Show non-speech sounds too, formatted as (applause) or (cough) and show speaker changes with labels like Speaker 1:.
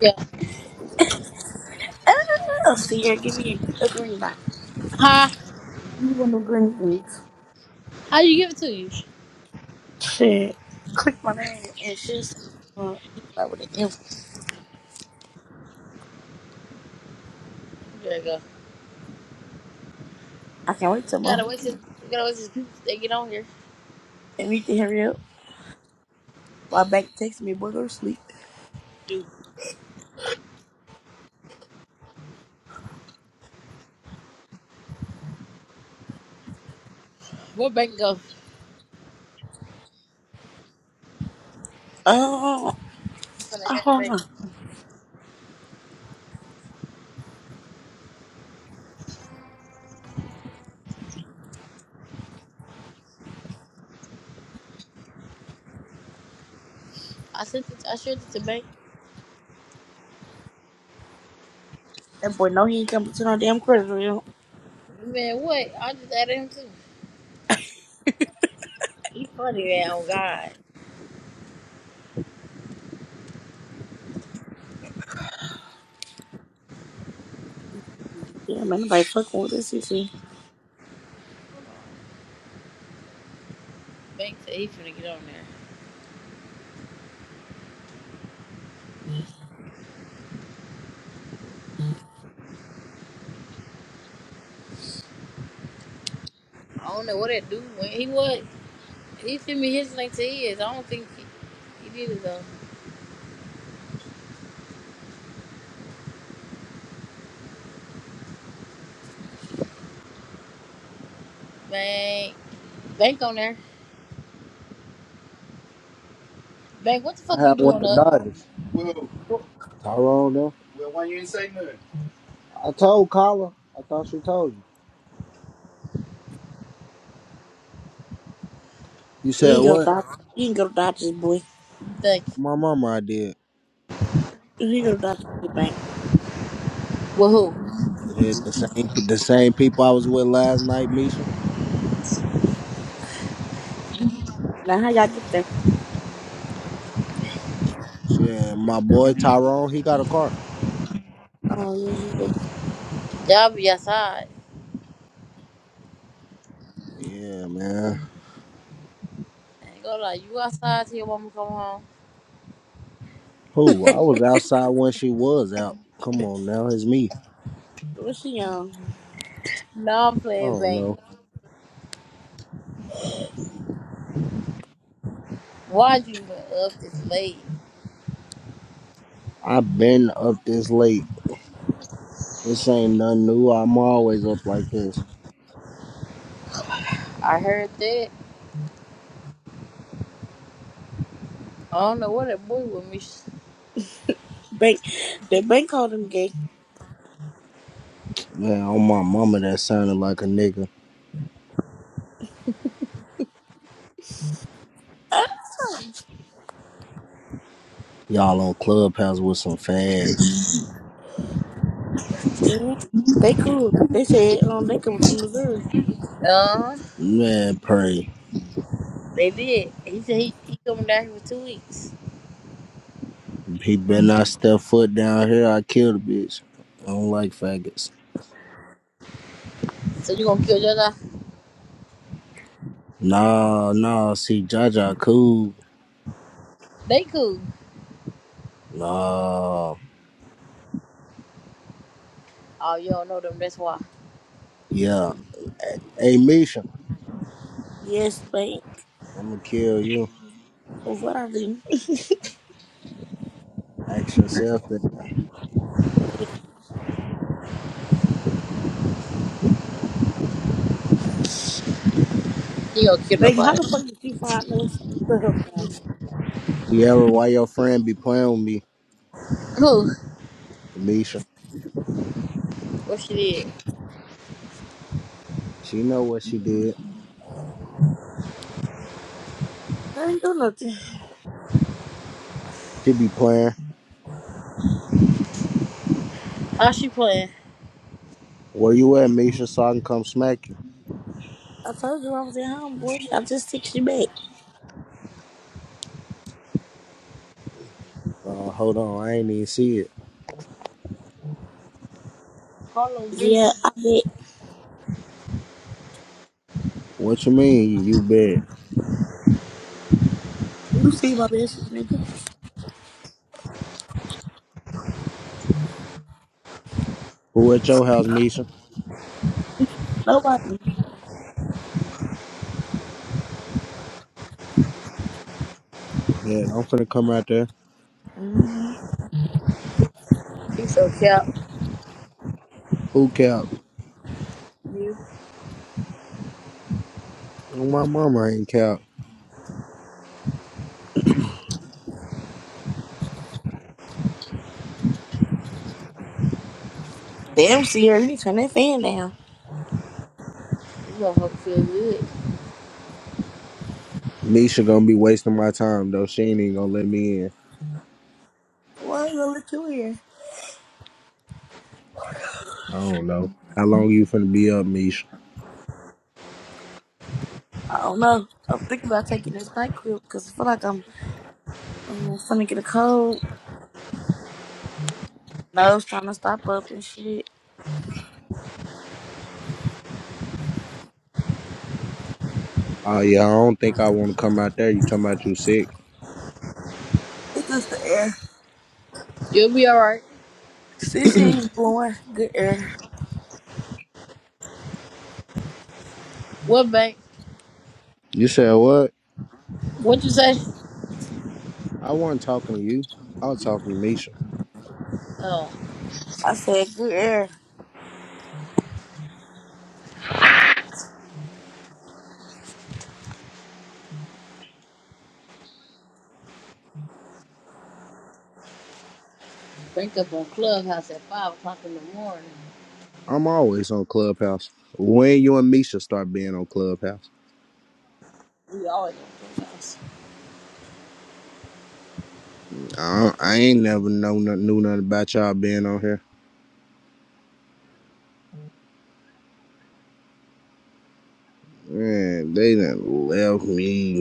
Speaker 1: Yeah.
Speaker 2: Oh, Sierra, give me a green light.
Speaker 1: Huh?
Speaker 2: You want no green things.
Speaker 1: How you give it to you?
Speaker 2: Shit. Click my name and she'll say, uh, it's like with an M.
Speaker 1: There you go.
Speaker 2: I can't wait
Speaker 1: You
Speaker 2: till month.
Speaker 1: gotta wait till you gotta wait till people they get on here.
Speaker 2: And we can hurry up. My bank texts me, boy, go to sleep.
Speaker 1: Dude, what bank go?
Speaker 2: Oh,
Speaker 1: For the
Speaker 2: I
Speaker 1: ad
Speaker 2: don't
Speaker 1: bank.
Speaker 2: know.
Speaker 1: I sent it. I sent it to bank.
Speaker 2: That boy know he ain't coming to no damn credit real.
Speaker 1: Man, what? I just added him too. He funny man. Oh God.
Speaker 2: Yeah, man, nobody fucking with this, you see.
Speaker 1: Bank said he finna get on there. I don't know what that dude went. He was. He sent me his link to his. I don't think he, he did it though. Bank. Bank on there. Bank. What the fuck
Speaker 3: I
Speaker 1: you
Speaker 3: had one
Speaker 1: doing
Speaker 3: with the
Speaker 1: up?
Speaker 3: Dodgers.
Speaker 1: What,
Speaker 3: Tyrone though. I told Kyla. I thought she told you. You
Speaker 2: He
Speaker 3: said
Speaker 2: ain't go to
Speaker 3: what?
Speaker 2: Dodgers. He ain't go to Dodgers, boy.
Speaker 1: thank. you.
Speaker 3: My mama I did.
Speaker 2: He go to Dodgers to get bank.
Speaker 1: With who?
Speaker 3: Hit the same the same people I was with last night, Misha.
Speaker 2: Now, how y'all get there?
Speaker 3: Shit, my boy Tyrone, he got a car.
Speaker 2: Oh, yeah, yeah.
Speaker 1: Y'all be outside.
Speaker 3: Yeah, man.
Speaker 1: I ain't gonna lie. You outside till your mama come home.
Speaker 3: Who? I was outside when she was out. Come on now, it's me.
Speaker 2: What's she, um,
Speaker 1: No, I'm
Speaker 3: I
Speaker 1: playing
Speaker 3: don't
Speaker 1: back.
Speaker 3: know.
Speaker 1: Why'd you been up this late?
Speaker 3: I've been up this late. This ain't nothing new. I'm always up like this.
Speaker 1: I heard that. I don't know what that boy with me.
Speaker 2: bank? The bank called him gay.
Speaker 3: Man, on my mama that sounded like a nigga. Y'all on Clubhouse with some fags.
Speaker 2: Yeah, they cool. They said um they come from Missouri.
Speaker 1: Uh,
Speaker 3: Man, pray.
Speaker 1: they did. He said he, he coming down here for two weeks.
Speaker 3: He better not step foot down here. I kill the bitch. I don't like faggots.
Speaker 1: So you gonna kill your dog?
Speaker 3: Nah, nah. See, Jaja cool.
Speaker 1: They cool.
Speaker 3: Nah.
Speaker 1: Oh, you don't know them. That's why.
Speaker 3: Yeah. Hey, Misha,
Speaker 2: Yes, thank.
Speaker 3: I'm gonna kill you.
Speaker 2: What I do? (laughs)
Speaker 3: Ask yourself that.
Speaker 1: You gonna kill
Speaker 2: Like, how
Speaker 1: nobody.
Speaker 2: the fuck did you find this? to
Speaker 3: Sierra, why your friend be playing with me?
Speaker 1: Who?
Speaker 3: Misha.
Speaker 1: What she did?
Speaker 3: She know what she did.
Speaker 2: I didn't do nothing.
Speaker 3: She be playing.
Speaker 1: How she playing?
Speaker 3: Where you at, Misha, so I can come smack you?
Speaker 2: I told you I was at home, boy. I just texted you back.
Speaker 3: Uh, hold on. I ain't even see it.
Speaker 1: Carlos getting
Speaker 2: Yeah,
Speaker 1: you.
Speaker 2: I bet.
Speaker 3: What you mean, you bad?
Speaker 2: You see my message, nigga?
Speaker 3: Who at your house, Misha?
Speaker 2: Nobody.
Speaker 3: Bad. I'm finna come out there.
Speaker 2: Mm-hmm.
Speaker 1: He so cap.
Speaker 3: Who cap?
Speaker 1: You.
Speaker 3: Oh, My mama ain't cap.
Speaker 2: Damn, Sierra, you need to turn that fan down.
Speaker 1: You gonna fuck feel good.
Speaker 3: Misha gonna be wasting my time though. She ain't even gonna let me in.
Speaker 2: Why ain't gonna let you in?
Speaker 3: I don't know. How long you finna be up, Misha?
Speaker 2: I don't know. I'm thinking about taking this night crib because I feel like I'm, I'm finna get a cold. Nose trying to stop up and shit.
Speaker 3: Oh yeah, I don't think I wanna come out there. You talking about you sick.
Speaker 2: It's just the air.
Speaker 1: You'll be all right.
Speaker 2: Cece is blowing good air.
Speaker 1: What bank?
Speaker 3: You said what?
Speaker 1: What you say?
Speaker 3: I wasn't talking to you. I was talking to Misha.
Speaker 1: Oh,
Speaker 2: I said good air.
Speaker 1: wake up on Clubhouse at five o'clock in the morning.
Speaker 3: I'm always on Clubhouse. When you and Misha start being on Clubhouse?
Speaker 1: We always on Clubhouse.
Speaker 3: I, don't- I ain't never know nothing, knew nothing about y'all being on here. Man, they done left me.